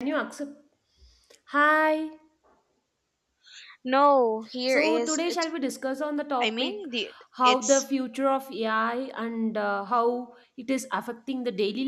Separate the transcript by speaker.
Speaker 1: Can you accept? Hi.
Speaker 2: No, here
Speaker 1: So
Speaker 2: is
Speaker 1: today shall
Speaker 2: it's.
Speaker 1: we discuss on the
Speaker 2: I
Speaker 1: topic
Speaker 2: mean, the,
Speaker 1: how the
Speaker 2: it's
Speaker 1: future of AI and how it is affecting the daily